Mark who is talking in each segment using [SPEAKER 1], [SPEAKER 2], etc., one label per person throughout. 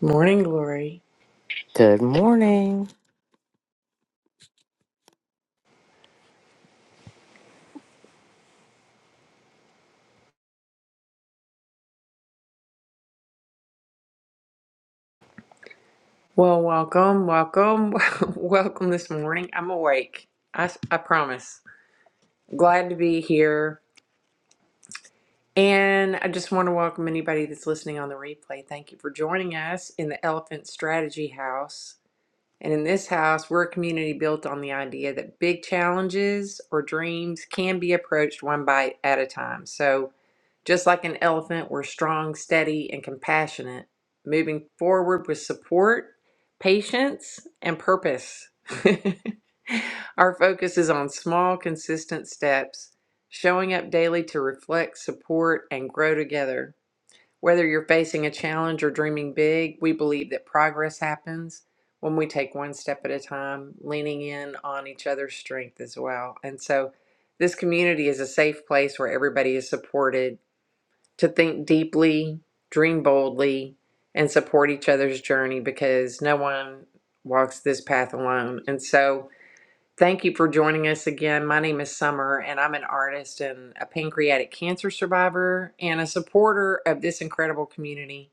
[SPEAKER 1] Morning glory.
[SPEAKER 2] Good morning.
[SPEAKER 1] Well, welcome, welcome, welcome this morning. I'm awake. I, s- I promise. Glad to be here. And I just want to welcome anybody that's listening on the replay. Thank you for joining us in the Elephant Strategy House. And in this house, we're a community built on the idea that big challenges or dreams can be approached one bite at a time. So, just like an elephant, we're strong, steady, and compassionate, moving forward with support, patience, and purpose. Our focus is on small, consistent steps, showing up daily to reflect, support, and grow together. Whether you're facing a challenge or dreaming big, we believe that progress happens when we take one step at a time, leaning in on each other's strength as well. And so, this community is a safe place where everybody is supported to think deeply, dream boldly, and support each other's journey because no one walks this path alone. And so, Thank you for joining us again. My name is Summer, and I'm an artist and a pancreatic cancer survivor and a supporter of this incredible community.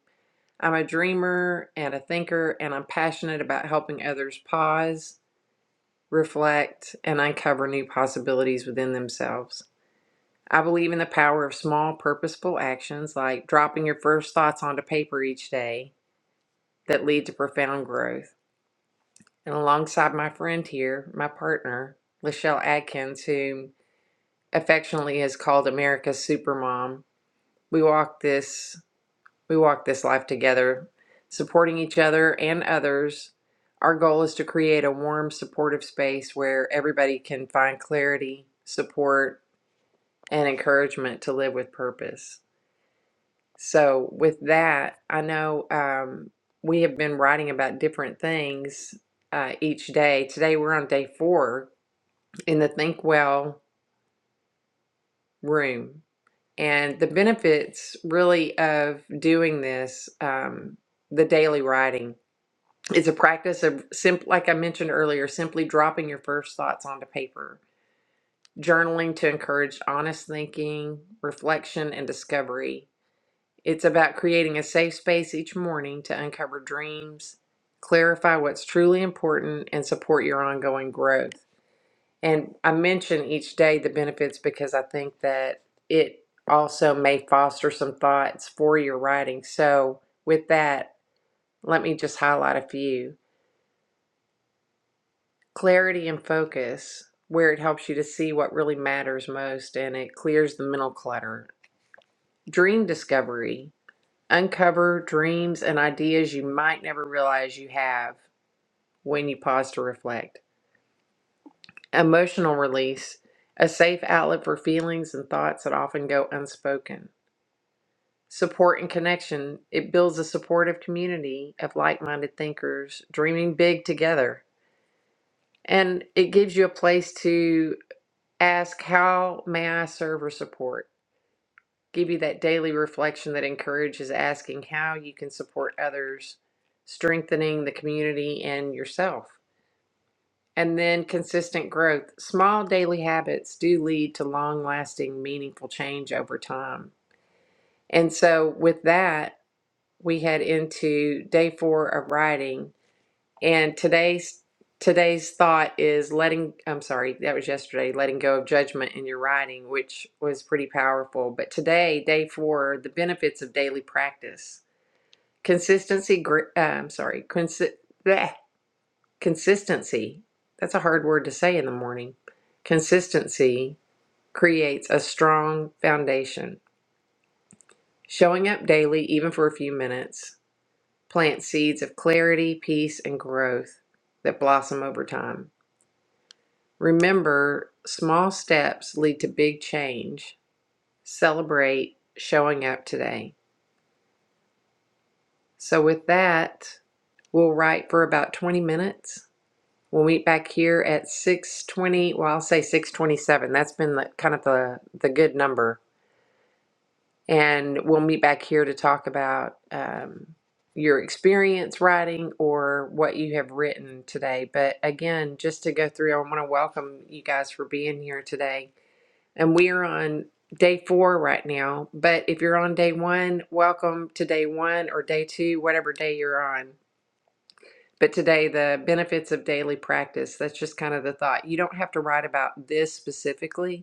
[SPEAKER 1] I'm a dreamer and a thinker, and I'm passionate about helping others pause, reflect, and uncover new possibilities within themselves. I believe in the power of small, purposeful actions like dropping your first thoughts onto paper each day that lead to profound growth. And alongside my friend here, my partner, Lachelle Adkins, who affectionately is called America's Supermom. We walk this we walk this life together, supporting each other and others. Our goal is to create a warm, supportive space where everybody can find clarity, support, and encouragement to live with purpose. So, with that, I know um, we have been writing about different things uh, each day. Today, we're on day four in the Think Well room And the benefits really of doing this, um, the daily writing, it's a practice of simp like I mentioned earlier, simply dropping your first thoughts onto paper, journaling to encourage honest thinking, reflection, and discovery. It's about creating a safe space each morning to uncover dreams, clarify what's truly important, and support your ongoing growth. And I mention each day the benefits because I think that it also may foster some thoughts for your writing. So, with that, let me just highlight a few clarity and focus, where it helps you to see what really matters most and it clears the mental clutter, dream discovery, uncover dreams and ideas you might never realize you have when you pause to reflect, emotional release, a safe outlet for feelings and thoughts that often go unspoken Support and connection. It builds a supportive community of like minded thinkers dreaming big together. And it gives you a place to ask, How may I serve or support? Give you that daily reflection that encourages asking how you can support others, strengthening the community and yourself. And then consistent growth. Small daily habits do lead to long lasting, meaningful change over time. And so, with that, we head into day four of writing and today's today's thought is letting i'm sorry that was yesterday letting go of judgment in your writing which was pretty powerful but today day four the benefits of daily practice consistency gr- uh, i'm sorry consi- bleh, consistency that's a hard word to say in the morning consistency creates a strong foundation showing up daily even for a few minutes Plant seeds of clarity, peace, and growth that blossom over time. Remember, small steps lead to big change. Celebrate showing up today. So, with that, we'll write for about 20 minutes. We'll meet back here at 6:20. Well, I'll say 6:27. That's been the, kind of the the good number and we'll meet back here to talk about um, your experience writing or what you have written today. But again, just to go through, I want to welcome you guys for being here today. And we are on day four right now. But if you're on day one, welcome to day one or day two, whatever day you're on. But today, the benefits of daily practice, that's just kind of the thought. You don't have to write about this specifically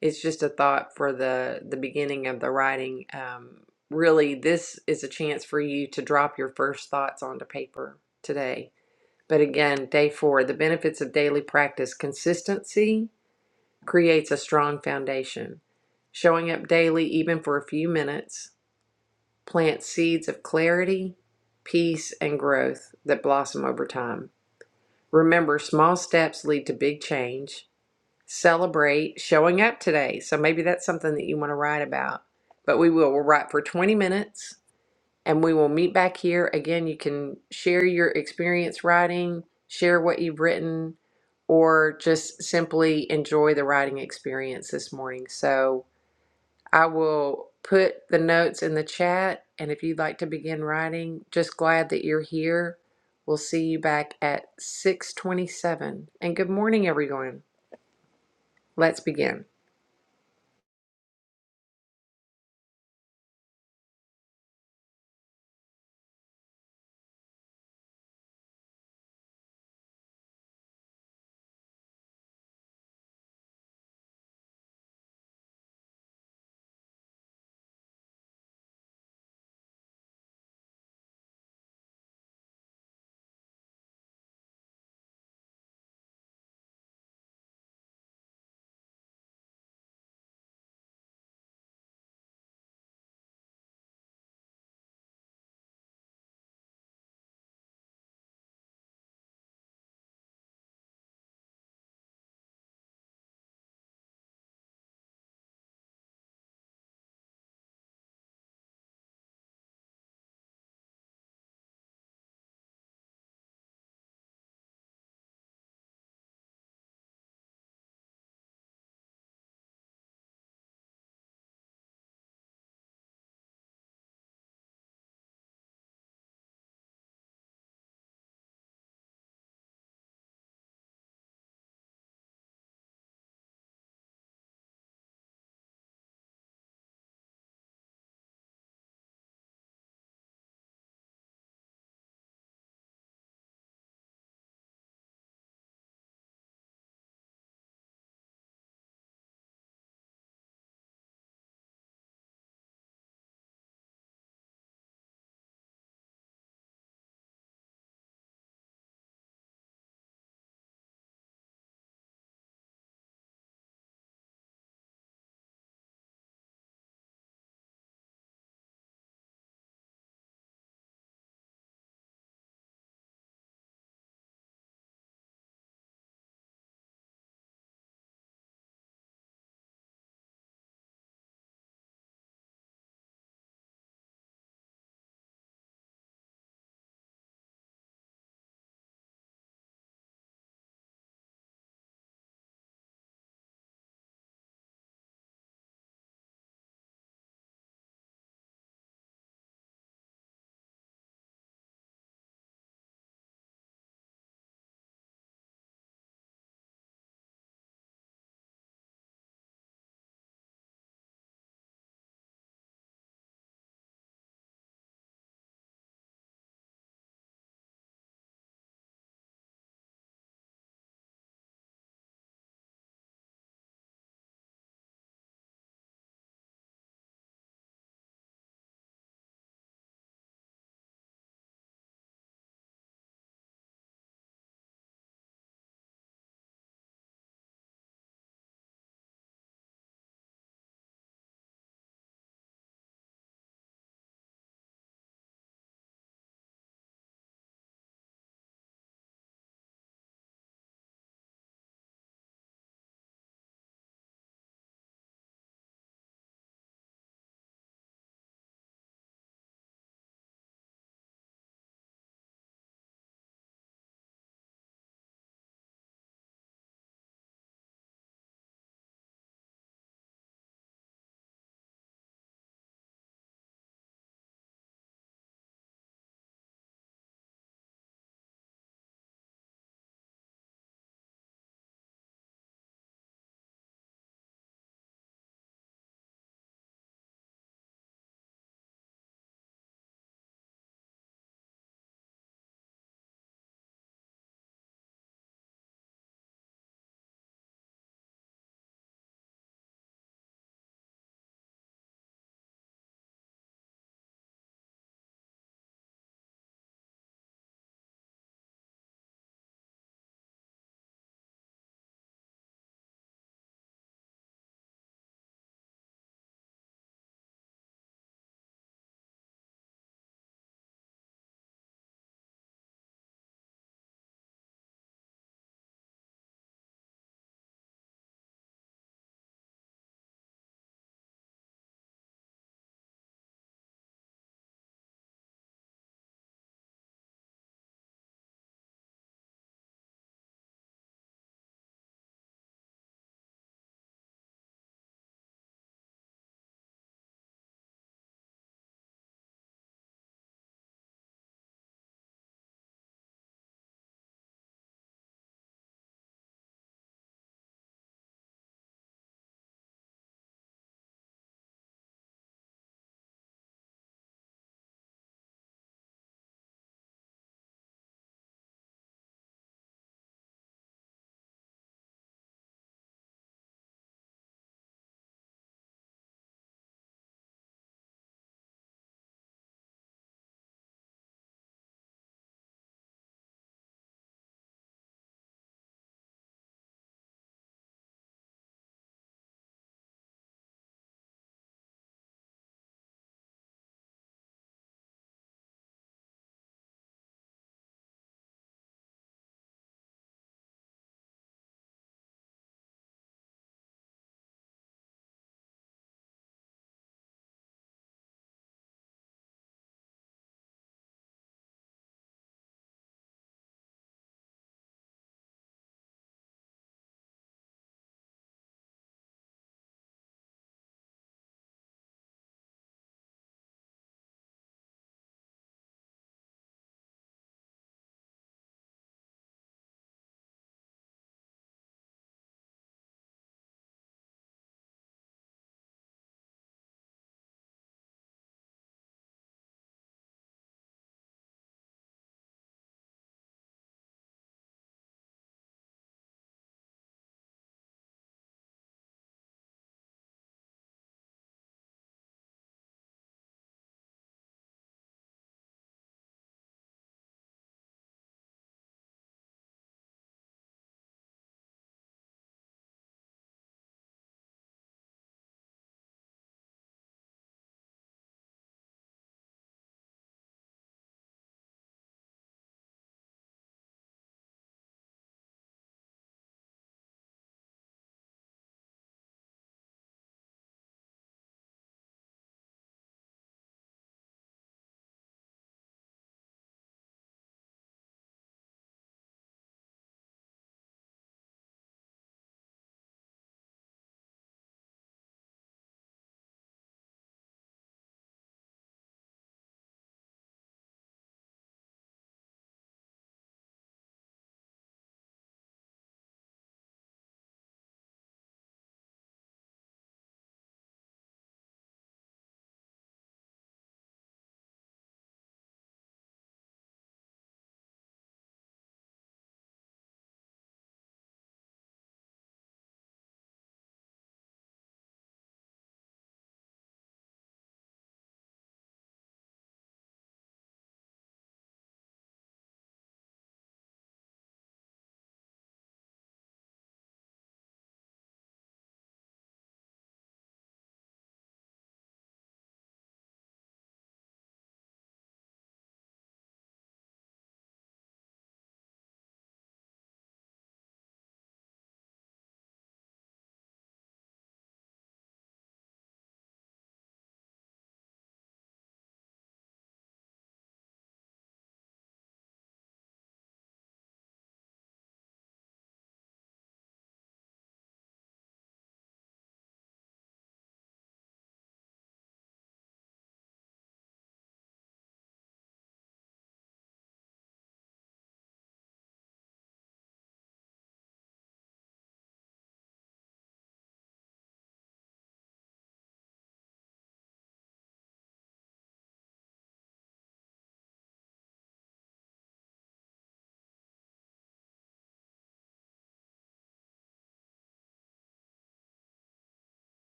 [SPEAKER 1] it's just a thought for the the beginning of the writing um, really this is a chance for you to drop your first thoughts onto paper today but again day four the benefits of daily practice consistency creates a strong foundation showing up daily even for a few minutes plants seeds of clarity peace and growth that blossom over time remember small steps lead to big change celebrate showing up today. So maybe that's something that you want to write about. But we will we'll write for 20 minutes and we will meet back here. Again, you can share your experience writing, share what you've written, or just simply enjoy the writing experience this morning. So I will put the notes in the chat. And if you'd like to begin writing, just glad that you're here. We'll see you back at 627. And good morning, everyone. Let's begin.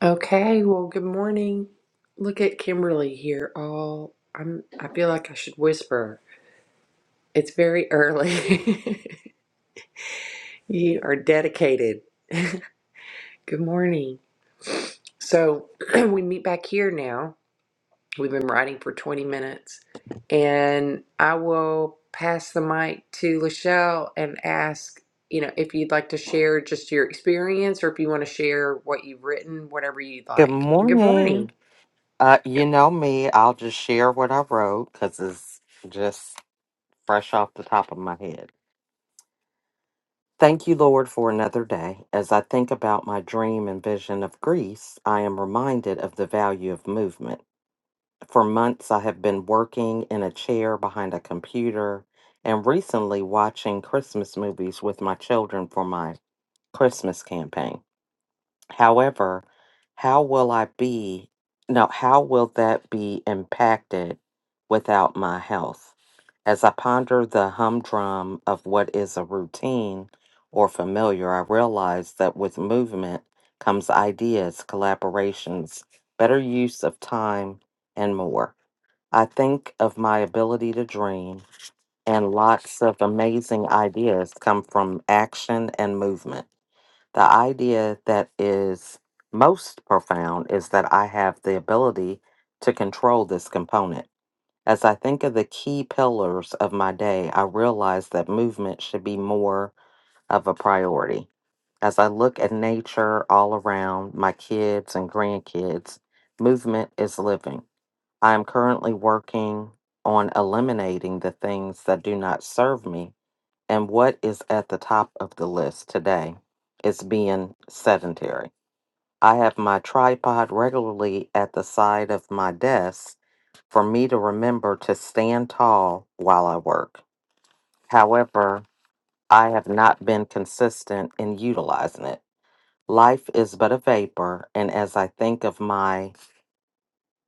[SPEAKER 1] Okay, well, good morning. Look at Kimberly here. All I'm I feel like I should whisper. It's very early. You are dedicated. Good morning. So, we meet back here now. We've been writing for 20 minutes, and I will pass the mic to Lachelle and ask, you know, if you'd like to share just your experience or if you want to share what you've written, whatever you'd
[SPEAKER 2] Good
[SPEAKER 1] like. Good morning.
[SPEAKER 2] morning. Uh, you know me, I'll just share what I wrote because it's just fresh off the top of my head. Thank you, Lord, for another day. As I think about my dream and vision of Greece, I am reminded of the value of movement. For months, I have been working in a chair behind a computer and recently watching Christmas movies with my children for my Christmas campaign. However, how will I be? No, how will that be impacted without my health? As I ponder the humdrum of what is a routine or familiar, I realize that with movement comes ideas, collaborations, better use of time, and more. I think of my ability to dream, and lots of amazing ideas come from action and movement. The idea that is most profound is that I have the ability to control this component. As I think of the key pillars of my day, I realize that movement should be more of a priority. As I look at nature all around my kids and grandkids, movement is living. I am currently working on eliminating the things that do not serve me and what is at the top of the list today is being sedentary. I have my tripod regularly at the side of my desk for me to remember to stand tall while I work. However, I have not been consistent in utilizing it. Life is but a vapor, and as I think of my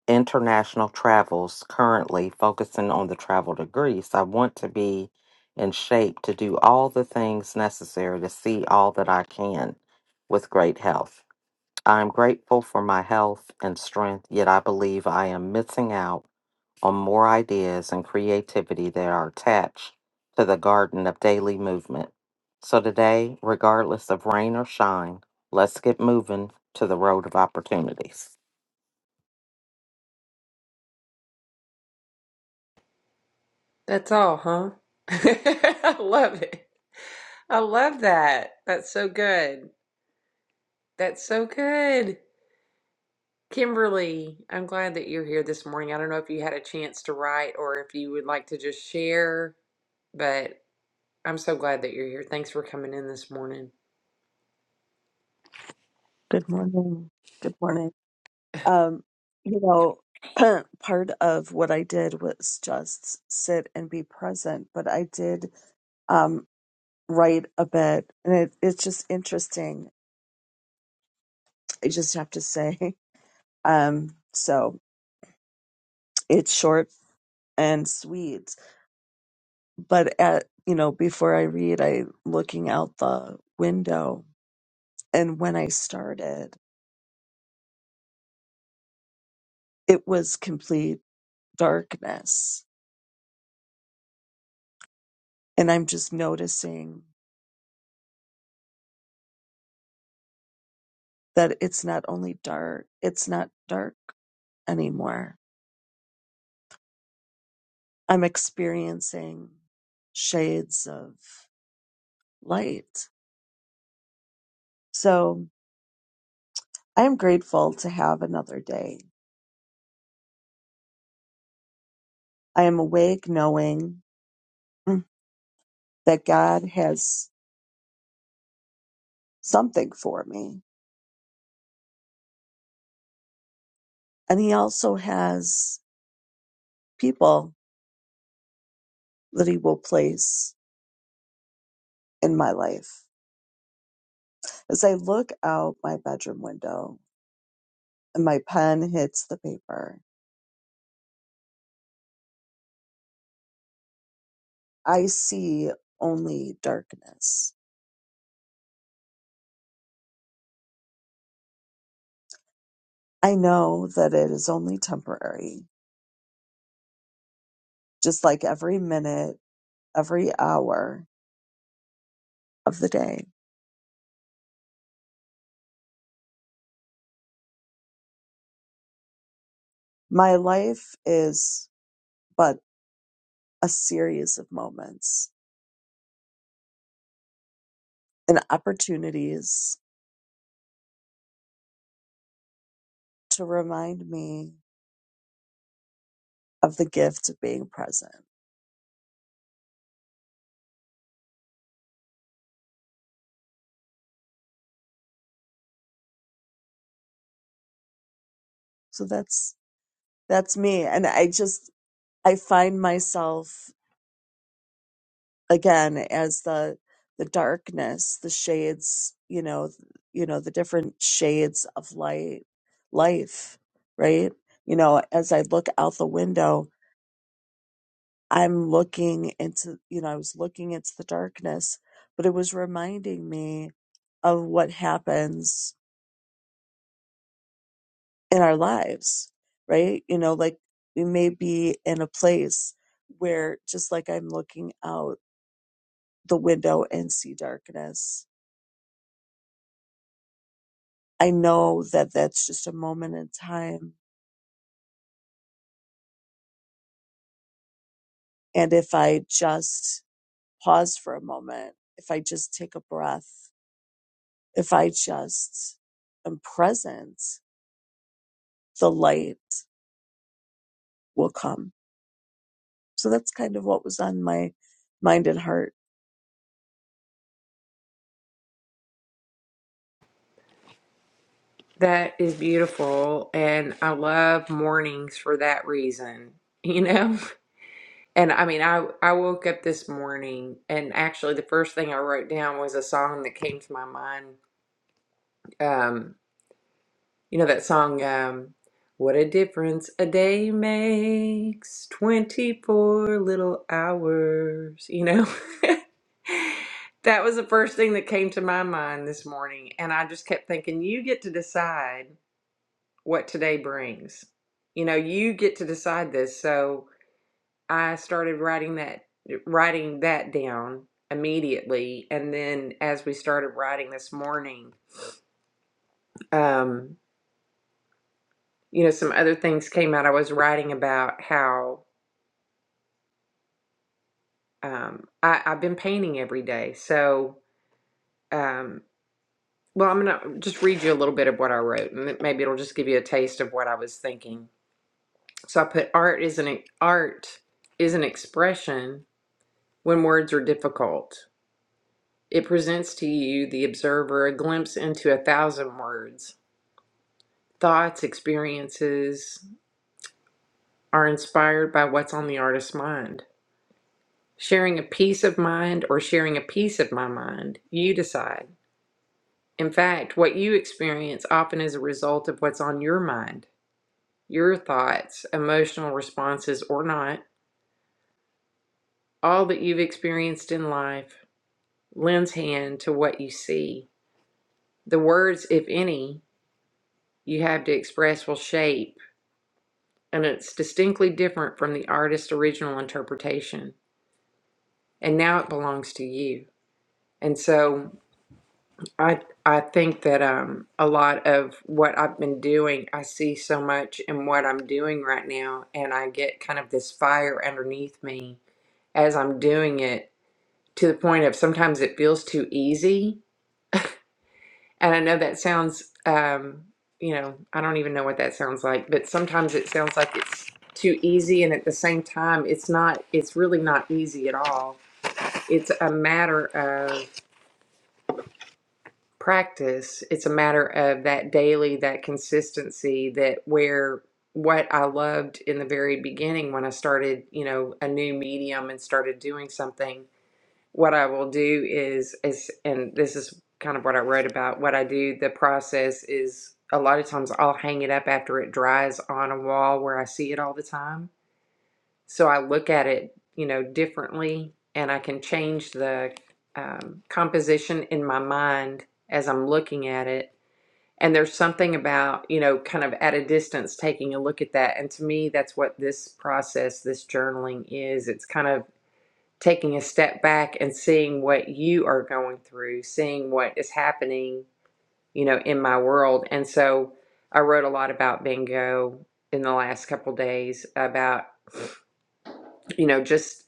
[SPEAKER 2] international travels currently, focusing on the travel to Greece. I want to be in shape to do all the things necessary to see all that I can with great health. I am grateful for my health and strength, yet I believe I am missing out on more ideas and creativity that are attached to the garden of daily movement. So today, regardless of rain or shine, let's get moving to the road of opportunities.
[SPEAKER 1] That's all, huh? I love it. I love that. That's so good. That's so good. Kimberly, I'm glad that you're here this morning. I don't know if you had a chance to write or if you would like to just share, but I'm so glad that you're here. Thanks for coming in this morning.
[SPEAKER 3] Good morning. Good morning. Um, you know, part of what I did was just sit and be present, but I did um, write a bit, and it, it's just interesting. I just have to say, um, so it's short and sweet. But at you know, before I read, I looking out the window, and when I started, it was complete darkness, and I'm just noticing. that it's not only dark, it's not dark anymore. I'm experiencing shades of light. So I am grateful to have another day. I am awake knowing that God has something for me. And He also has people that He will place in my life. As I look out my bedroom window and my pen hits the paper, I see only darkness I know that it is only temporary, just like every minute, every hour of the day. My life is but a series of moments and opportunities to remind me of the gift of being present. So that's that's me and I just I find myself again as the the darkness the shades you know th- you know the different shades of light life right you know as i look out the window i'm looking into you know i was looking into the darkness but it was reminding me of what happens in our lives right you know like we may be in a place where just like i'm looking out the window and see darkness I know that that's just a moment in time. And if I just pause for a moment, if I just take a breath, if I just am present, the light will come. So that's kind of what was on my mind and heart.
[SPEAKER 1] That is beautiful. And I love mornings for that reason, you know? And I mean, I, I woke up this morning and actually the first thing I wrote down was a song that came to my mind um you know that song um what a difference a day makes 24 little hours you know that was the first thing that came to my mind this morning and i just kept thinking you get to decide what today brings you know you get to decide this so i started writing that writing that down immediately and then as we started writing this morning um. you know, some other things came out. I was writing about how um, I, I've been painting every day. So, um, well, I'm going to just read you a little bit of what I wrote, and it- maybe it'll just give you a taste of what I was thinking. So I put art is an e, art is an expression when words are difficult. It presents to you, the observer, a glimpse into a thousand words. Thoughts, experiences are inspired by what's on the artist's mind. Sharing a piece of mind or sharing a piece of my mind, you decide. In fact, what you experience often is a result of what's on your mind, your thoughts, emotional responses, or not. All that you've experienced in life lends hand to what you see. The words, if any, you have to express will shape, and it's distinctly different from the artist's original interpretation. And now it belongs to you. And so I I think that um a lot of what I've been doing, I see so much in what I'm doing right now, and I get kind of this fire underneath me as I'm doing it to the point of sometimes it feels too easy. And I know that sounds um you know, I don't even know what that sounds like, but sometimes it sounds like it's too easy and at the same time it's not it's really not easy at all. It's a matter of practice. It's a matter of that daily, that consistency, that where what I loved in the very beginning when I started, you know, a new medium and started doing something, what I will do is is and this is kind of what I wrote about, what I do, the process is a lot of times I'll hang it up after it dries on a wall where I see it all the time so I look at it, you know, differently and I can change the um, composition in my mind as I'm looking at it. And there's something about, you know, kind of at a distance taking a look at that. And to me, that's what this process, this journaling is. It's kind of taking a step back and seeing what you are going through, seeing what is happening, you know, in my world. And so I wrote a lot about bingo in the last couple days about you know, just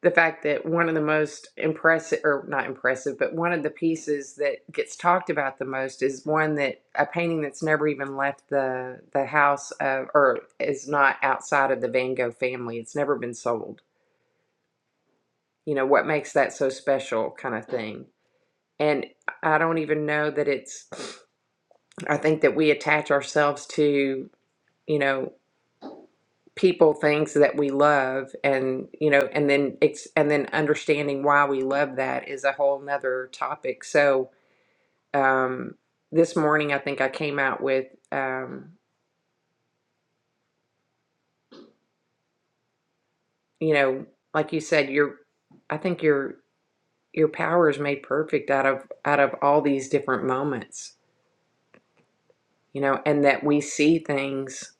[SPEAKER 1] the fact that one of the most impressive, or not impressive, but one of the pieces that gets talked about the most is one that a painting that's never even left the the house of, or is not outside of the Van Gogh family. It's never been sold. You know what makes that so special, kind of thing. And I don't even know that it's. I think that we attach ourselves to you know people things that we love and you know and then it's and then understanding why we love that is a whole nother topic so um this morning i think i came out with um you know like you said your i think your your power is made perfect out of out of all these different moments you know and that we see things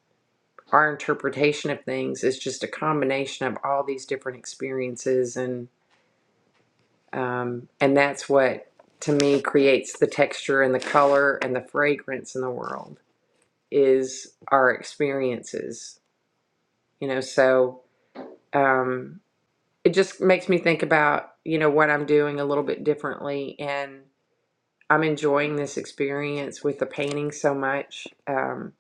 [SPEAKER 1] our interpretation of things is just a combination of all these different experiences Um, and that's what, to me, creates the texture and the color and the fragrance in the world is our experiences. You know, so um, it just makes me think about, you know, what I'm doing a little bit differently. And I'm enjoying this experience with the painting so much. Um,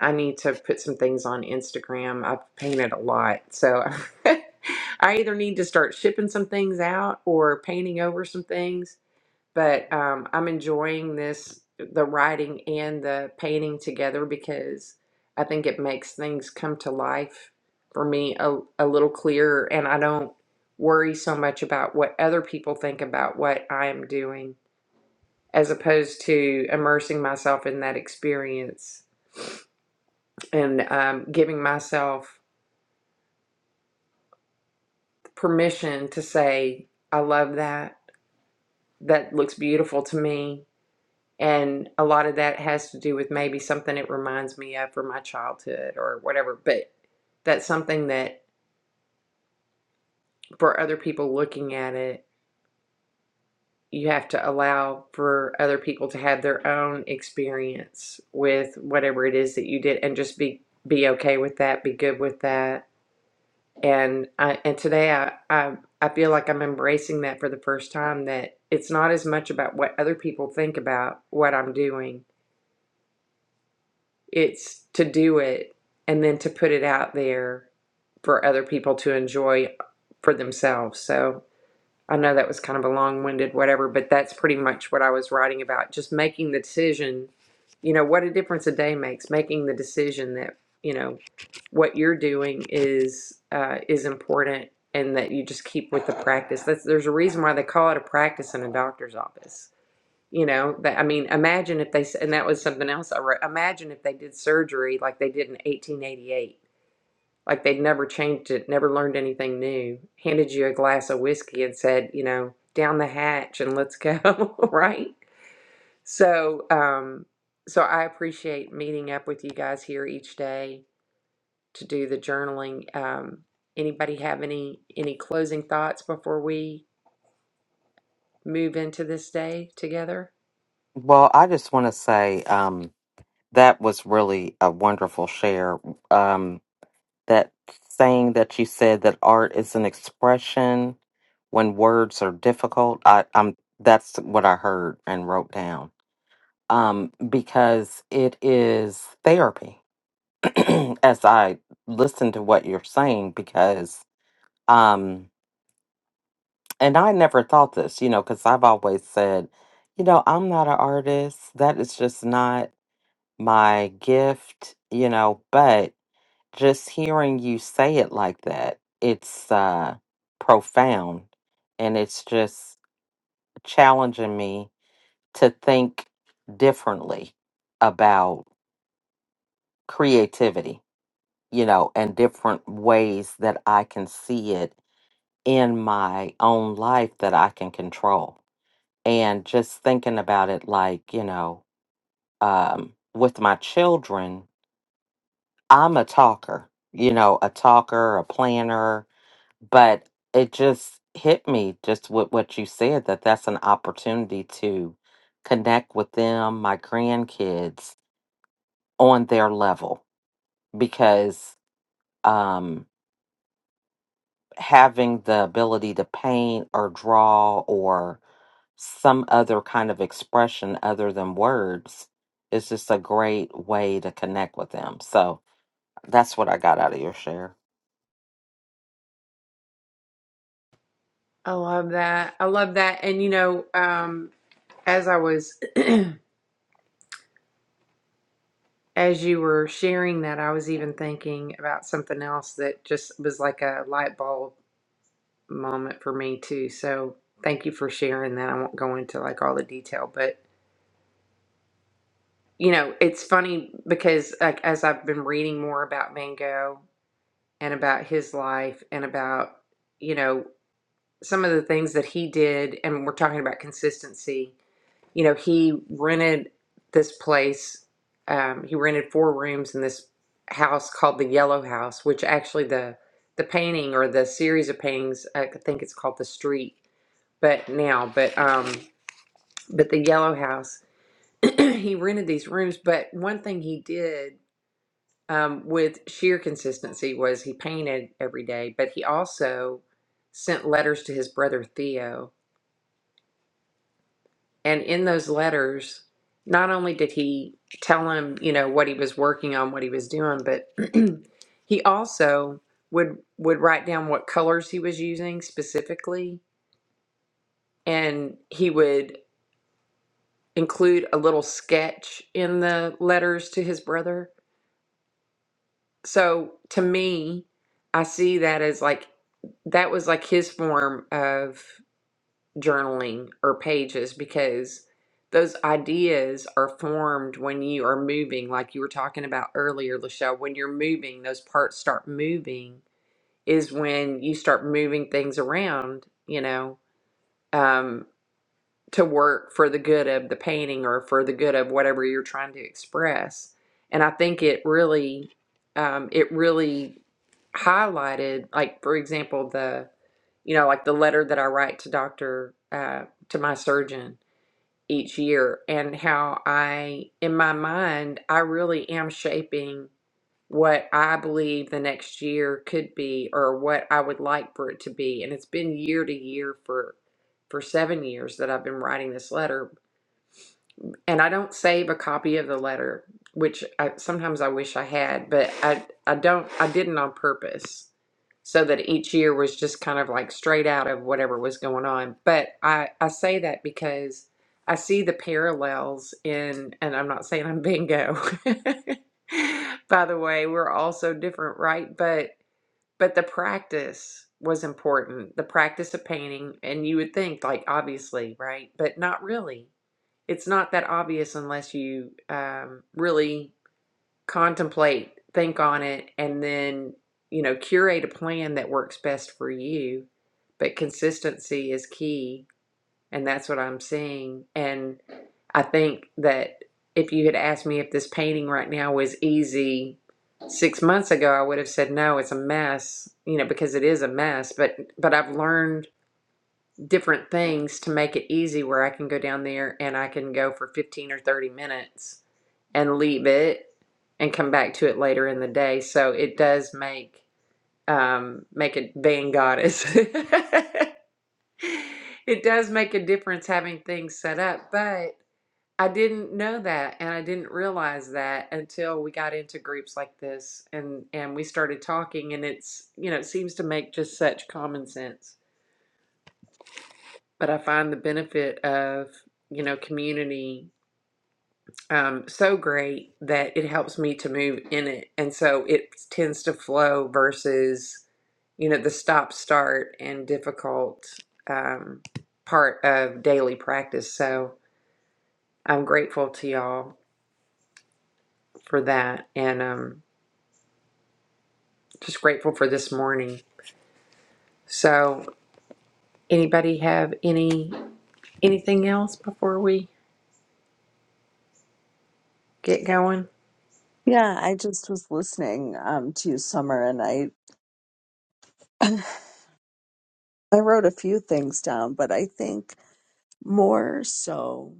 [SPEAKER 1] I need to put some things on Instagram. I've painted a lot. So I either need to start shipping some things out or painting over some things but um, I'm enjoying this the writing and the painting together because I think it makes things come to life for me a, a little clearer, and I don't worry so much about what other people think about what I am doing as opposed to immersing myself in that experience and um, giving myself permission to say, I love that. That looks beautiful to me And a lot of that has to do with maybe something it reminds me of from my childhood or whatever. But that's something that for other people looking at it, you have to allow for other people to have their own experience with whatever it is that you did and just be be okay with that, be good with that. And I and today I I, I feel like I'm embracing that for the first time that it's not as much about what other people think about what I'm doing It's to do it and then to put it out there for other people to enjoy for themselves. So I know that was kind of a long winded whatever, but that's pretty much what I was writing about. Just making the decision, you know, what a difference a day makes, making the decision that, you know, what you're doing is uh, is important and that you just keep with the practice. That's, there's a reason why they call it a practice in a doctor's office you know, that I mean, imagine if they and that was something else I wrote. Imagine if they did surgery like they did in 1888, like they'd never changed it, never learned anything new, handed you a glass of whiskey and said, you know, down the hatch and let's go, right? So, um, so I appreciate meeting up with you guys here each day to do the journaling. Um, anybody have any any closing thoughts before we move into this day together?
[SPEAKER 2] Well, I just want to say, um, That was really a wonderful share. Um, that saying that you said that art is an expression when words are difficult. I, I'm that's what I heard and wrote down. Um, because it is therapy. as I listen to what you're saying, because um, and I never thought this, you know, because I've always said, you know, I'm not an artist. That is just not my gift, you know, but just hearing you say it like that, it's uh, profound and it's just challenging me to think differently about creativity, you know, and different ways that I can see it in my own life that I can control. And just thinking about it like, you know, um, with my children, I'm a talker, you know, a talker, a planner, but it just hit me just with what you said that that's an opportunity to connect with them my grandkids on their level because um having the ability to paint or draw or some other kind of expression other than words is just a great way to connect with them so that's what i got out of your share
[SPEAKER 1] I love that. I love that. And you know, um, as I was, as you were sharing that, I was even thinking about something else that just was like a light bulb moment for me too. So thank you for sharing that. I won't go into like all the detail, but you know, it's funny because like as I've been reading more about Van Gogh and about his life and about, you know, some of the things that he did, and we're talking about consistency you know, he rented this place. Um, he rented four rooms in this house called the Yellow House, which actually the the painting or the series of paintings, I think it's called the Street, but now, but um, but the Yellow House. he rented these rooms, but one thing he did um, with sheer consistency was he painted every day, but he also sent letters to his brother Theo And in those letters, not only did he tell him, you know, what he was working on, what he was doing, but he also would would write down what colors he was using specifically, and he would include a little sketch in the letters to his brother. So to me, I see that as like that was like his form of journaling or pages because those ideas are formed when you are moving, like you were talking about earlier, Lachelle. When you're moving, those parts start moving, is when you start moving things around, you know. Um, to work for the good of the painting or for the good of whatever you're trying to express. And I think it really, um, it really highlighted, like for example, the, you know, like the letter that I write to doctor, uh, to my surgeon each year, and how I, in my mind, I really am shaping what I believe the next year could be or what I would like for it to be. And it's been year to year for for 7 years that I've been writing this letter, and I don't save a copy of the letter, which I, sometimes I wish I had, but I I don't I didn't on purpose, so that each year was just kind of like straight out of whatever was going on. But I I say that because I see the parallels in, and I'm not saying I'm bingo. By the way, we're all so different, right? But but the practice was important. The practice of painting, and you would think like obviously, right? But not really it's not that obvious unless you um, really contemplate, think on it, and then, you know, curate a plan that works best for you. But consistency is key, and that's what I'm seeing. And I think that if you had asked me if this painting right now was easy six months ago, I would have said no, it's a mess, you know, because it is a mess. But but I've learned different things to make it easy where I can go down there and I can go for 15 or 30 minutes and leave it and come back to it later in the day. So it does make um make it being goddess. it does make a difference having things set up, but I didn't know that and I didn't realize that until we got into groups like this and and we started talking and it's you know it seems to make just such common sense. but I find the benefit of, you know, community um, so great that it helps me to move in it. And so it tends to flow versus, you know, the stop, start, and difficult um, part of daily practice. So I'm grateful to y'all for that and um, just grateful for this morning. So anybody have any anything else before we get going?
[SPEAKER 3] Yeah, I just was listening um, to you, Summer, and I I wrote a few things down, but I think more so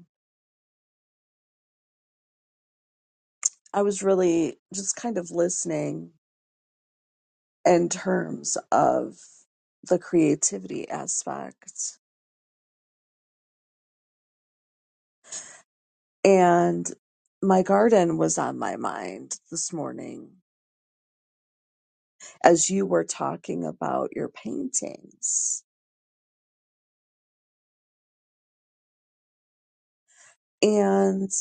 [SPEAKER 3] I was really just kind of listening in terms of the creativity aspect. And my garden was on my mind this morning as you were talking about your paintings. And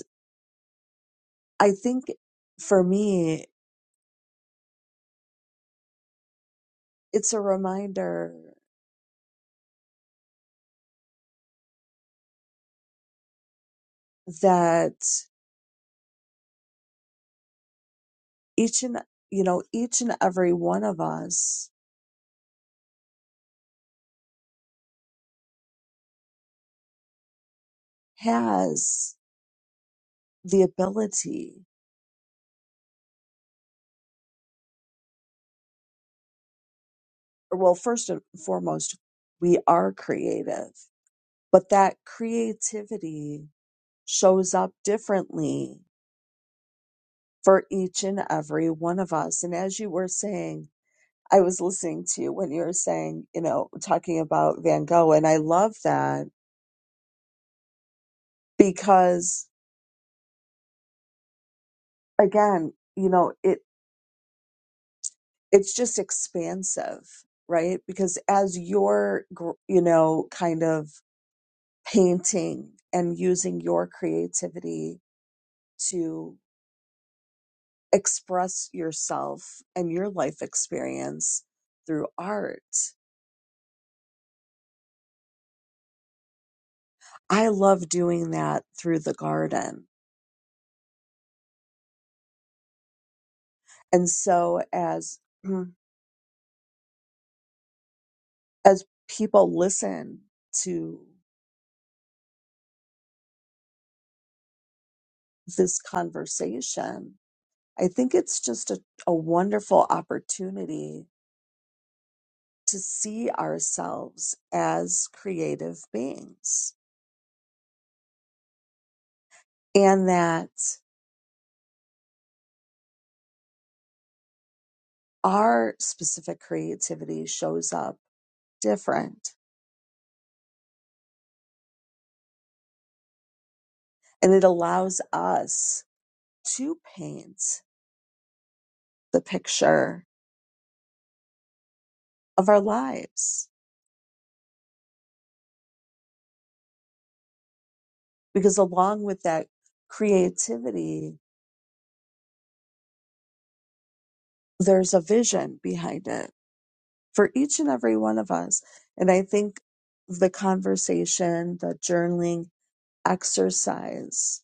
[SPEAKER 3] I think for me, it's a reminder that each and, you know, each and every one of us has the ability, or well, first and foremost, we are creative but that creativity shows up differently for each and every one of us. And as you were saying, I was listening to you when you were saying, you know, talking about Van Gogh, and I love that because again, you know, it it's just expansive, right? Because as you're, gr- you know, kind of painting and using your creativity to express yourself and your life experience through art. I love doing that through the garden. And so as mm, as people listen to this conversation, I think it's just a, a wonderful opportunity to see ourselves as creative beings and that our specific creativity shows up different and it allows us to paint the picture of our lives because along with that creativity there's a vision behind it for each and every one of us and i think the conversation the journaling exercise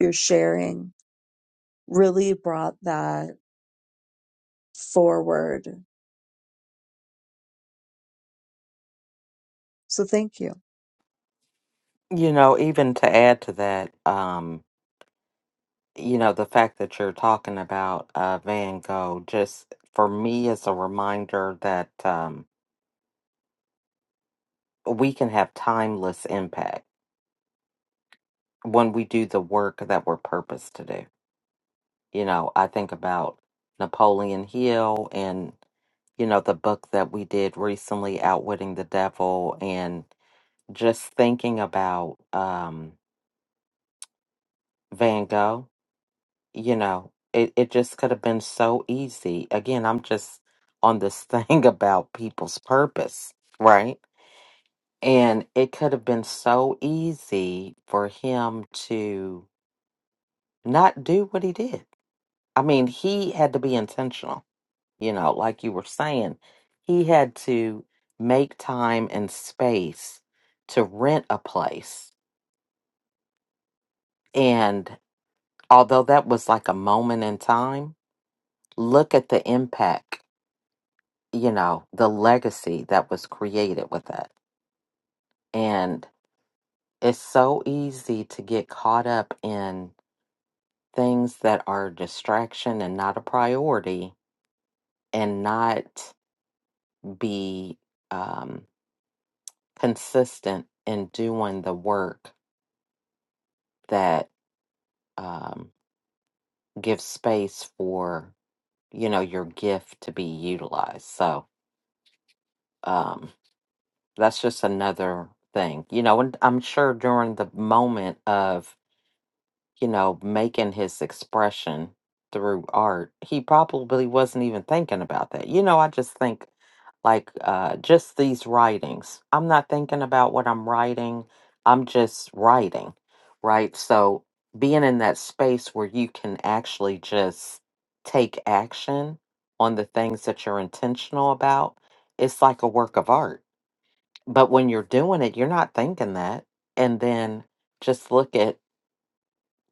[SPEAKER 3] your sharing really brought that forward so thank you
[SPEAKER 2] you know even to add to that um you know, the fact that you're talking about uh, Van Gogh just for me is a reminder that um, we can have timeless impact when we do the work that we're purposed to do. You know, I think about Napoleon Hill and, you know, the book that we did recently, Outwitting the Devil, and just thinking about um, Van Gogh you know, it, it just could have been so easy. Again, I'm just on this thing about people's purpose, right? And it could have been so easy for him to not do what he did. I mean, he had to be intentional, you know, like you were saying. He had to make time and space to rent a place. And although that was like a moment in time, look at the impact you know, the legacy that was created with it. And it's so easy to get caught up in things that are a distraction and not a priority and not be um, consistent in doing the work that um, gives space for, you know, your gift to be utilized. So um, that's just another thing, you know, and I'm sure during the moment of you know, making his expression through art, he probably wasn't even thinking about that. You know, I just think like uh, just these writings. I'm not thinking about what I'm writing. I'm just writing, right? So being in that space where you can actually just take action on the things that you're intentional about, it's like a work of art. But when you're doing it, you're not thinking that. And then just look at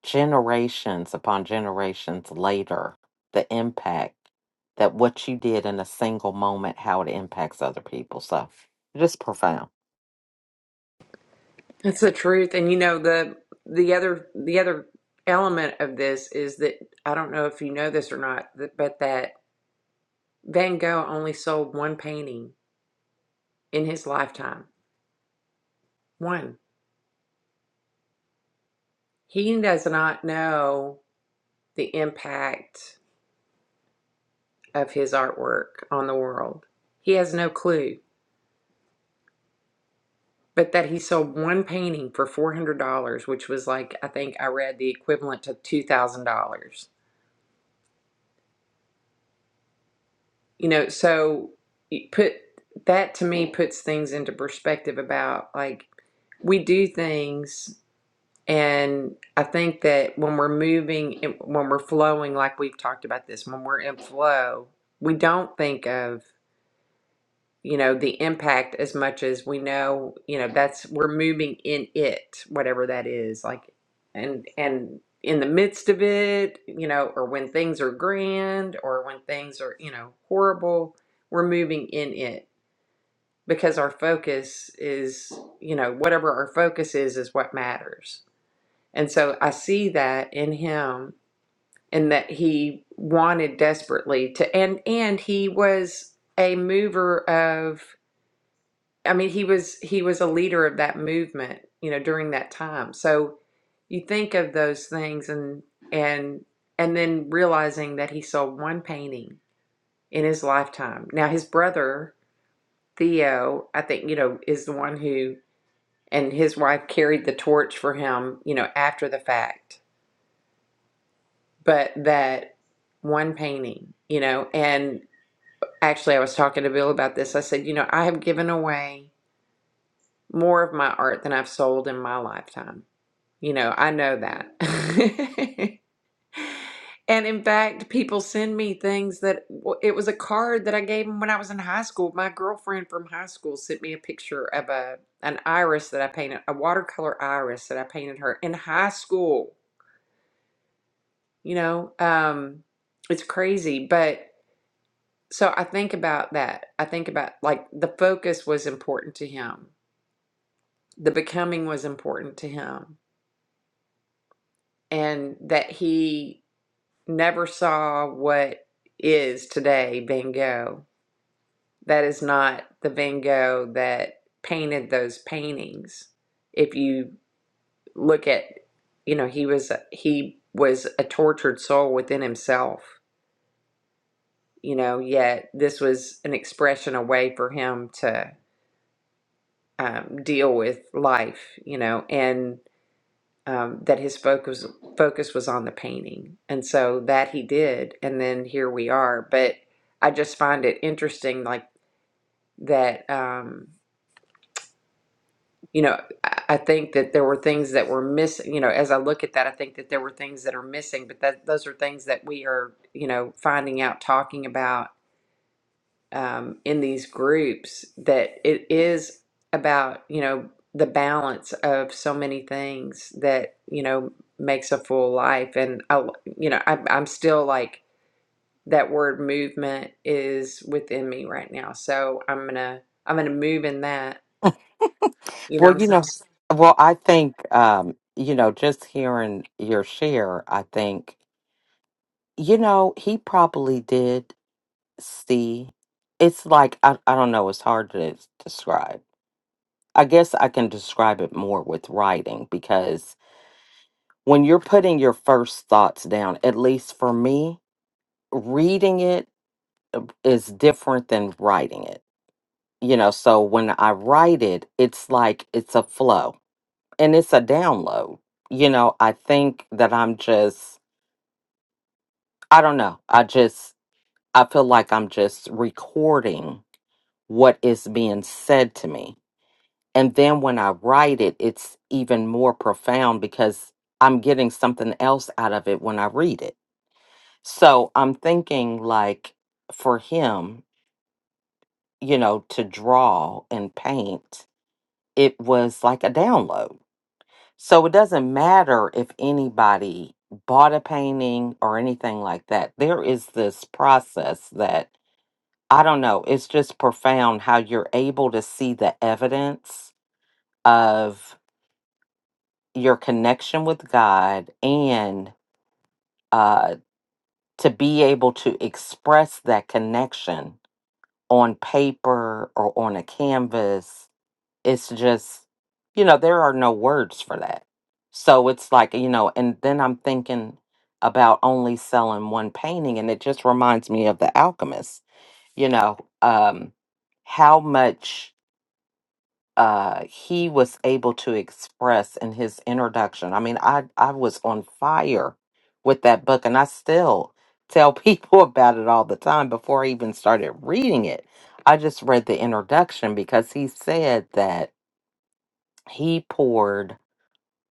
[SPEAKER 2] generations upon generations later the impact that what you did in a single moment how it impacts other people so just profound
[SPEAKER 1] That's the truth. And you know, the the other the other element of this is that I don't know if you know this or not, that- but that Van Gogh only sold one painting in his lifetime. One. He does not know the impact of his artwork on the world. He has no clue. But that he sold one painting for $400, which was like, I think I read the equivalent to $2,000. You know, so it put that to me puts things into perspective about like we do things and I think that when we're moving when we're flowing like we've talked about this, when we're in flow, we don't think of you know, the impact as much as we know, you know, that's we're moving in it, whatever that is, like and and in the midst of it, you know, or when things are grand or when things are, you know, horrible, we're moving in it because our focus is, you know, whatever our focus is is what matters. And so I see that in him and that he wanted desperately to and and he was a mover of. I mean, he was he was a leader of that movement, you know, during that time. So you think of those things and and and then realizing that he sold one painting in his lifetime. Now his brother Theo, I think, you know, is the one who and his wife carried the torch for him, you know, after the fact. But that one painting, you know, and actually I was talking to Bill about this. I said, you know, I have given away more of my art than I've sold in my lifetime You know, I know that. And in fact, people send me things that it was a card that I gave them when I was in high school. My girlfriend from high school sent me a picture of a an iris that I painted, a watercolor iris that I painted her in high school. You know, um, it's crazy, but so I think about that. I think about like the focus was important to him. The becoming was important to him, and that he never saw what is today Van Gogh. That is not the Van Gogh that painted those paintings. If you look at, you know, he was he was a tortured soul within himself. You know, yet this was an expression, a way for him to um, deal with life. You know, and um, that his focus focus was on the painting, and so that he did, and then here we are. But I just find it interesting, like that. Um, you know, I I think that there were things that were missing. You know, as I look at that, I think that there were things that are missing, but that those are things that we are, you know, finding out, talking about um, in these groups that it is about you know the balance of so many things that you know makes a full life and I, you know I, i'm still like that word movement is within me right now so i'm gonna i'm gonna move in that you know
[SPEAKER 2] well
[SPEAKER 1] what i'm
[SPEAKER 2] you know
[SPEAKER 1] saying
[SPEAKER 2] s- well i think um you know just hearing your share i think you know he probably did see it's like I, I don't know it's hard to describe i guess i can describe it more with writing because when you're putting your first thoughts down at least for me reading it is different than writing it you know so when i write it it's like it's a flow and it's a download you know i think that i'm just i don't know i just i feel like i'm just recording what is being said to me And then when I write it, it's even more profound because I'm getting something else out of it when I read it. So I'm thinking, like, for him, you know, to draw and paint, it was like a download. So it doesn't matter if anybody bought a painting or anything like that. There is this process that I don't know, it's just profound how you're able to see the evidence of your connection with God and uh, to be able to express that connection on paper or on a canvas, it's just, you know, there are no words for that. So it's like, you know, and then I'm thinking about only selling one painting, and it just reminds me of The Alchemist, you know, um, how much. uh, he was able to express in his introduction. I mean, I, I was on fire with that book, and I still tell people about it all the time before I even started reading it. I just read the introduction because he said that he poured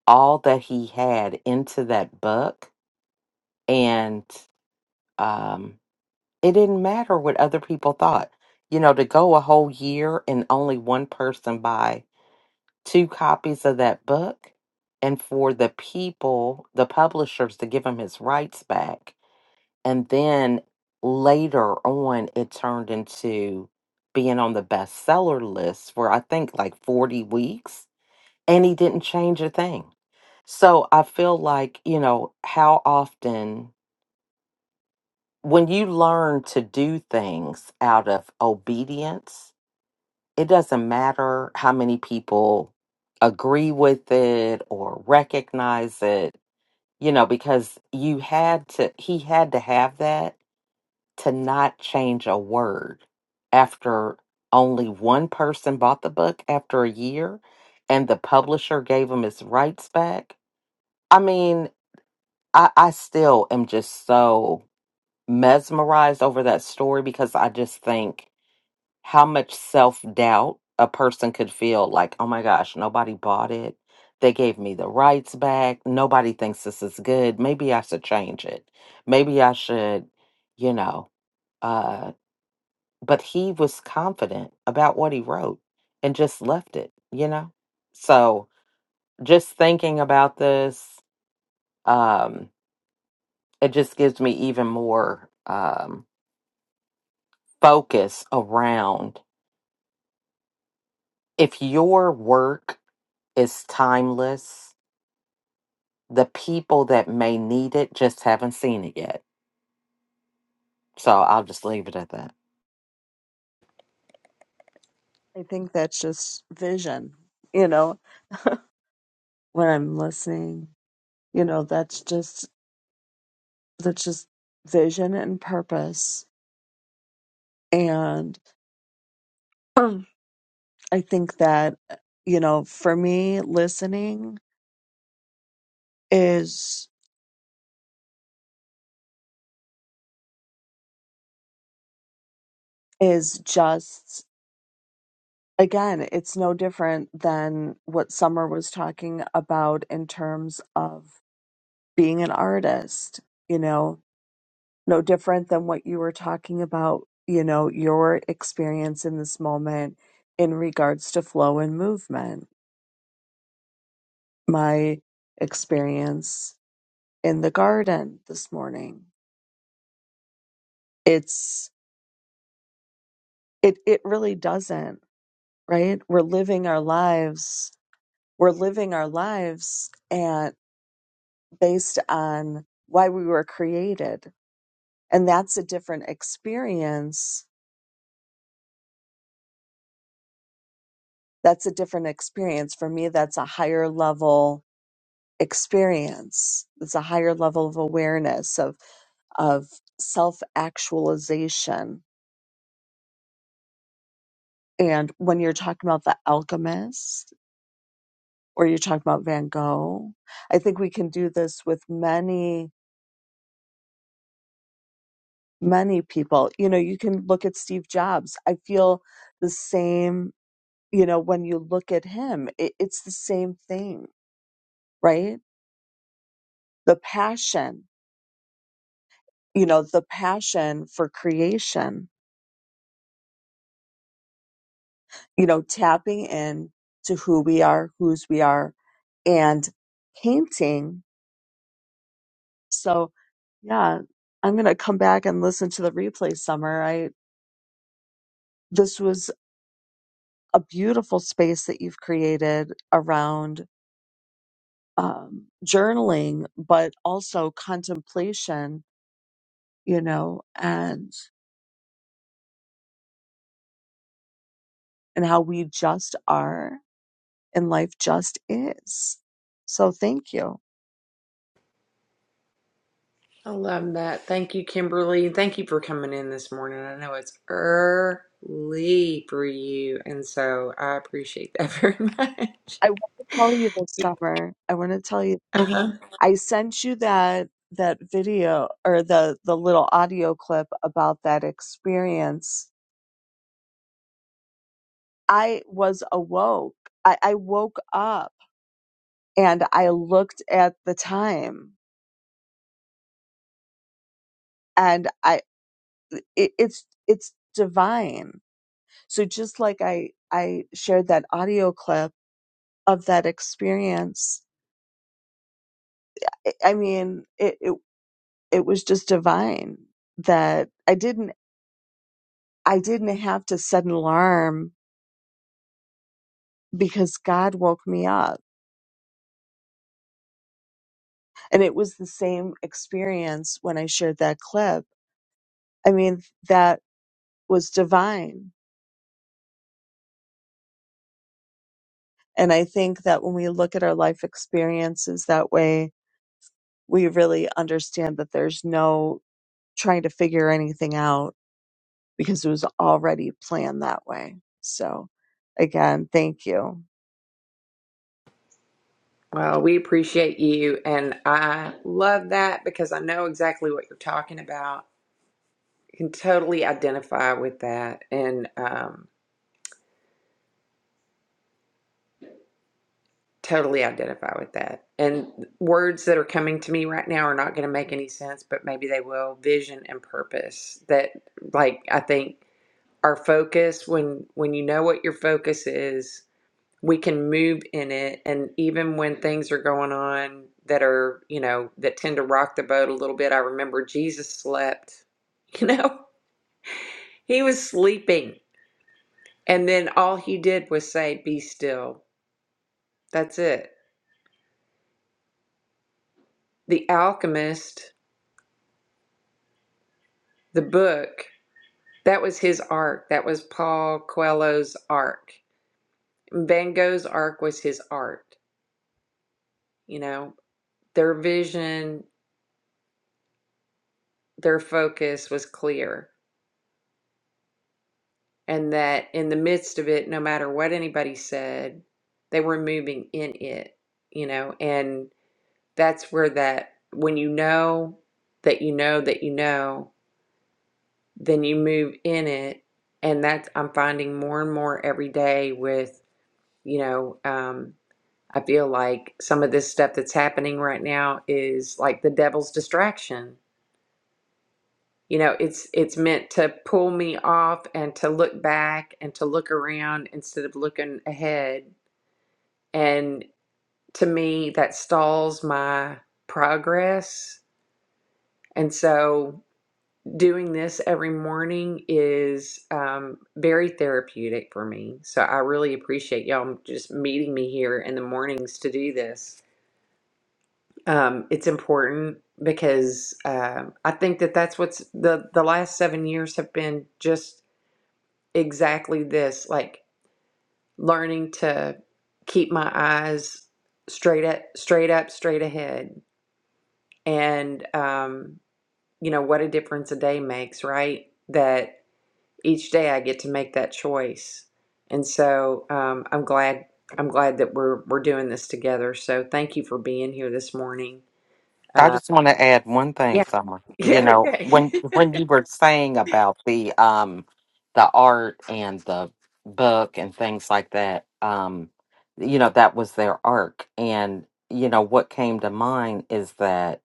[SPEAKER 2] all that he had into that book, and um, it didn't matter what other people thought. You know, to go a whole year and only one person buy two copies of that book and for the people, the publishers, to give him his rights back. And then later on, it turned into being on the bestseller list for I think like 40 weeks, and he didn't change a thing. So I feel like, you know, how often when you learn to do things out of obedience it doesn't matter how many people agree with it or recognize it, you know, because you had to, he had to have that to not change a word after only one person bought the book after a year and the publisher gave him his rights back. I mean, I, I still am just so mesmerized over that story because I just think how much self doubt a person could feel like, oh my gosh, nobody bought it. They gave me the rights back. Nobody thinks this is good. Maybe I should change it. Maybe I should, you know. Uh, but he was confident about what he wrote and just left it, you know? So just thinking about this, um, it just gives me even more um, focus around if your work is timeless the people that may need it just haven't seen it yet. So I'll just leave it at that.
[SPEAKER 3] i think that's just vision you know when i'm listening you know that's just that's just vision and purpose. And um, I think that, uh, you know, for me, listening is, is just, again, it's no different than what Summer was talking about in terms of being an artist, you know, no different than what you were talking about, you know, your experience in this moment in regards to flow and movement. My experience in the garden this morning. It's it it really doesn't, right? We're living our lives, we're living our lives and based on why we were created. And that's a different experience. That's a different experience. For me, that's a higher level experience. It's a higher level of awareness of of self actualization. And when you're talking about the alchemist, or you're talking about Van Gogh. I think we can do this with many, many people. You know, you can look at Steve Jobs. I feel the same, you know, when you look at him, it, it's the same thing, right? The passion, you know, the passion for creation, you know, tapping in to who we are, whose we are, and painting. So, yeah, I'm going to come back and listen to the replay summer. I, this was a beautiful space that you've created around um, journaling, but also contemplation, you know, and and how we just are and life just is. So thank you.
[SPEAKER 1] i love that thank you kimberly thank you for coming in this morning i know it's early for you and so i appreciate that very much
[SPEAKER 3] I want to tell you this summer. I want to tell you.
[SPEAKER 1] uh-huh
[SPEAKER 3] I sent you that that video or the the little audio clip about that experience. I was awoke. I, I woke up and I looked at the time and i it, it's it's divine so just like i i shared that audio clip of that experience i, I mean it, it it was just divine that i didn't i didn't have to set an alarm because god woke me up and it was the same experience when i shared that clip i mean that was divine and i think that when we look at our life experiences that way we really understand that there's no trying to figure anything out because it was already planned that way. So, again, thank you.
[SPEAKER 1] Well, we appreciate you, and I love that because I know exactly what you're talking about. I Can totally identify with that, and um, totally identify with that. And words that are coming to me right now are not going to make any sense, but maybe they will. Vision and purpose. That, like, I think our focus when when you know what your focus is we can move in it and even when things are going on that are you know that tend to rock the boat a little bit i remember jesus slept you know he was sleeping and then all he did was say be still that's it the alchemist the book that was his arc that was paul coelho's arc van gogh's arc was his art you know their vision their focus was clear and that in the midst of it, no matter what anybody said, they were moving in it, you know, and that's where that when you know that you know that you know, then you move in it, and that's I'm finding more and more every day with you know, um, I feel like some of this stuff that's happening right now is like the devil's distraction You know, it's it's meant to pull me off and to look back and to look around instead of looking ahead. And to me, that stalls my progress. And so doing this every morning is um, very therapeutic for me. So I really appreciate y'all just meeting me here in the mornings to do this. Um, it's important because um I think that that's what's the the last seven years have been just exactly this, like learning to keep my eyes straight up, straight up, straight ahead. And, um, you know, what a difference a day makes, right? That each day I get to make that choice. And so, um, I'm glad, I'm glad that we're, we're doing this together. So thank you for being here this morning.
[SPEAKER 2] I
[SPEAKER 1] Uh,
[SPEAKER 2] just want to add one thing,
[SPEAKER 1] yeah.
[SPEAKER 2] Summer. You
[SPEAKER 1] Yeah.
[SPEAKER 2] know, when
[SPEAKER 1] Okay.
[SPEAKER 2] when you were saying about the um the art and the book and things like that, um, you know, that was their arc. And, you know, what came to mind is that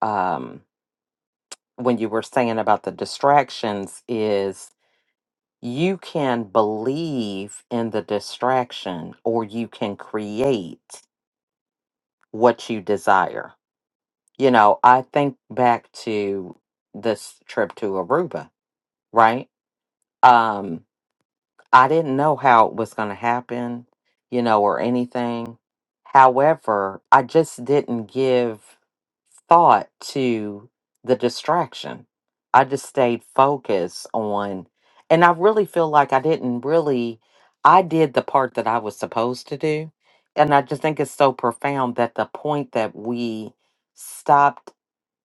[SPEAKER 2] um when you were saying about the distractions is you can believe in the distraction or you can create what you desire. You know, I think back to this trip to Aruba, right? Um, I didn't know how it was going to happen, you know, or anything. However, I just didn't give thought to the distraction. I just stayed focused on, and I really feel like I didn't really, I did the part that I was supposed to do. And I just think it's so profound that the point that we stopped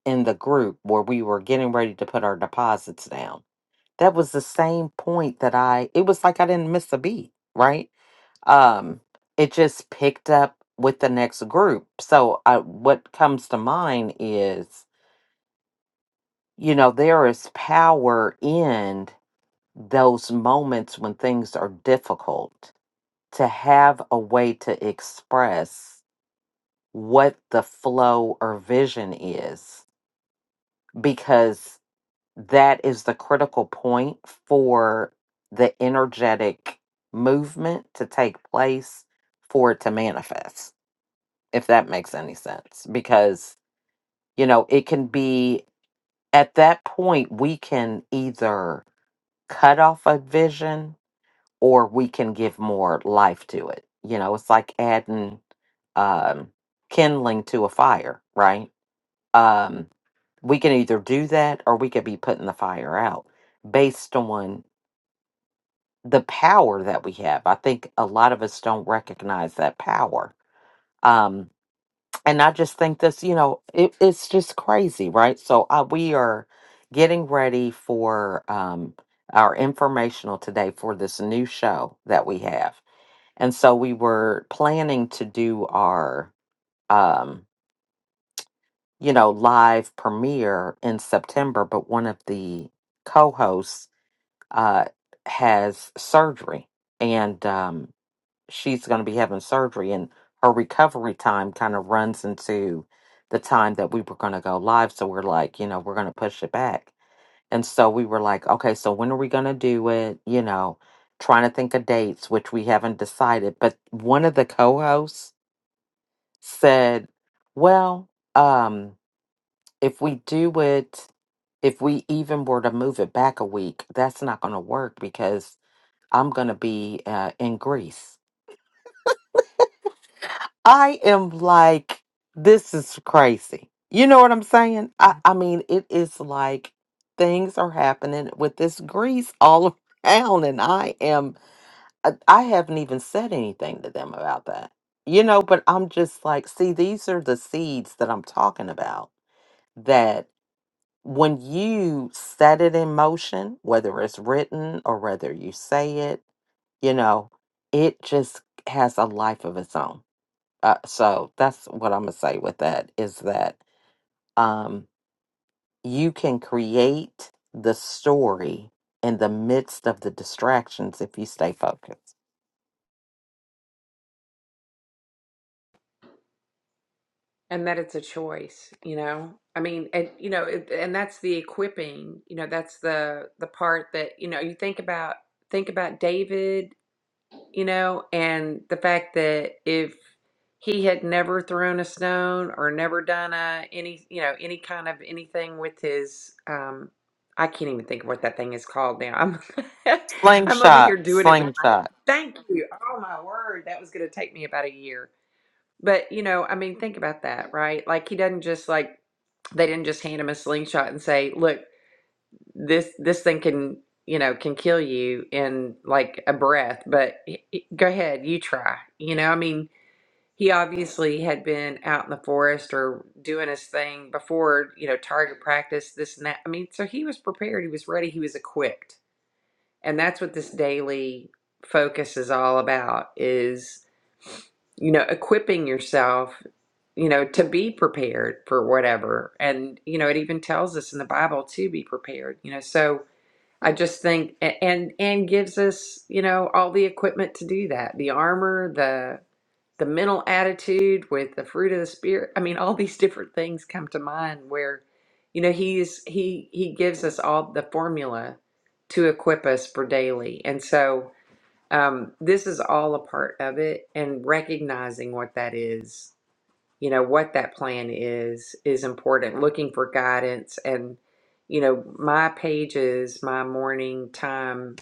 [SPEAKER 2] in the group where we were getting ready to put our deposits down, that was the same point that I, it was like I didn't miss a beat, right? Um, it just picked up with the next group. So I, what comes to mind is you know, there is power in those moments when things are difficult to have a way to express what the flow or vision is, because that is the critical point for the energetic movement to take place for it to manifest, if that makes any sense. Because, you know, it can be at that point, we can either cut off a vision or we can give more life to it. You know, it's like adding um, kindling to a fire, right? Um, we can either do that or we could be putting the fire out based on the power that we have. I think a lot of us don't recognize that power. Um, and I just think this, you know, it, it's just crazy, right? So uh, we are getting ready for um, our informational today for this new show that we have, and so we were planning to do our, um, you know, live premiere in September, but one of the co-hosts uh, has surgery, and um, she's going to be having surgery and her recovery time kind of runs into the time that we were going to go live so we're like you know we're going to push it back and so we were like okay so when are we going to do it you know trying to think of dates which we haven't decided but one of the co-hosts said well um if we do it if we even were to move it back a week that's not going to work because i'm going to be uh, in greece I am like, this is crazy. You know what I'm saying? I, I mean, it is like things are happening with this grease all around, and I am, I, I haven't even said anything to them about that. You know, but I'm just like, see, these are the seeds that I'm talking about that when you set it in motion, whether it's written or whether you say it, you know, it just has a life of its own uh, so that's what I'm gonna say with that is that um, you can create the story in the midst of the distractions if you stay focused.
[SPEAKER 1] and that it's a choice you know i mean and you know it, and that's the equipping you know that's the the part that you know you think about think about david you know and the fact that if he had never thrown a stone or never done a any you know any kind of anything with his um i can't even think of what that thing is called now i'm i'm over
[SPEAKER 2] Slingshot,
[SPEAKER 1] here doing it with my
[SPEAKER 2] slingshot.
[SPEAKER 1] thank you oh my word that was going to take me about a year but, you know, I mean, think about that, right? Like he doesn't just like they didn't just hand him a slingshot and say, "Look, this this thing can, you know, can kill you in like a breath, but y- y- go ahead, you try." You know, I mean, he obviously had been out in the forest or doing his thing before, you know, target practice, this and that. I mean, so he was prepared, he was ready, he was equipped and that's what this daily focus is all about is, you know, equipping yourself, you know, to be prepared for whatever. And, you know, it even tells us in the Bible to be prepared, you know. So I just think a- and and gives us, you know, all the equipment to do that. The armor, the the mental attitude with the fruit of the spirit i mean all these different things come to mind where you know he's he he gives us all the formula to equip us for daily and so um this is all a part of it and recognizing what that is you know what that plan is is important looking for guidance and you know my pages my morning time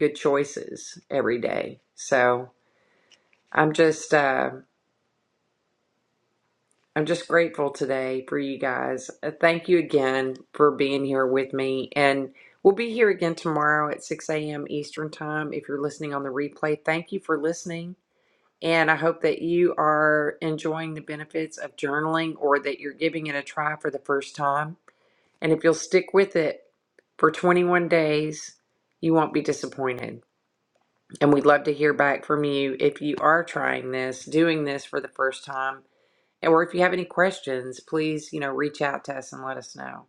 [SPEAKER 1] good choices every day so i'm just uh I'm just grateful today for you guys. Uh, Thank you again for being here with me. And we'll be here again tomorrow at 6 a.m. Eastern Time. If you're listening on the replay, thank you for listening. And I hope that you are enjoying the benefits of journaling or that you're giving it a try for the first time. And if you'll stick with it for 21 days, you won't be disappointed. And we'd love to hear back from you if you are trying this, doing this for the first time or if you have any questions, please, you know, reach out to us and let us know.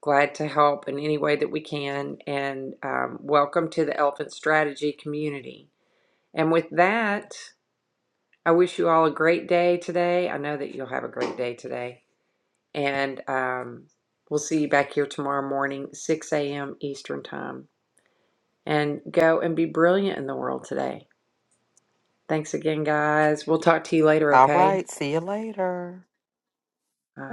[SPEAKER 1] Glad to help in any way that we can. And um, welcome to the Elephant Strategy community. And with that, I wish you all a great day today. I know that you'll have a great day today. And um, we'll see you back here tomorrow morning, 6 a.m. Eastern Time. And go and be brilliant in the world today. Thanks again, guys. We'll talk to you later,
[SPEAKER 2] All
[SPEAKER 1] okay?
[SPEAKER 2] right, see you later. Bye.
[SPEAKER 1] Bye.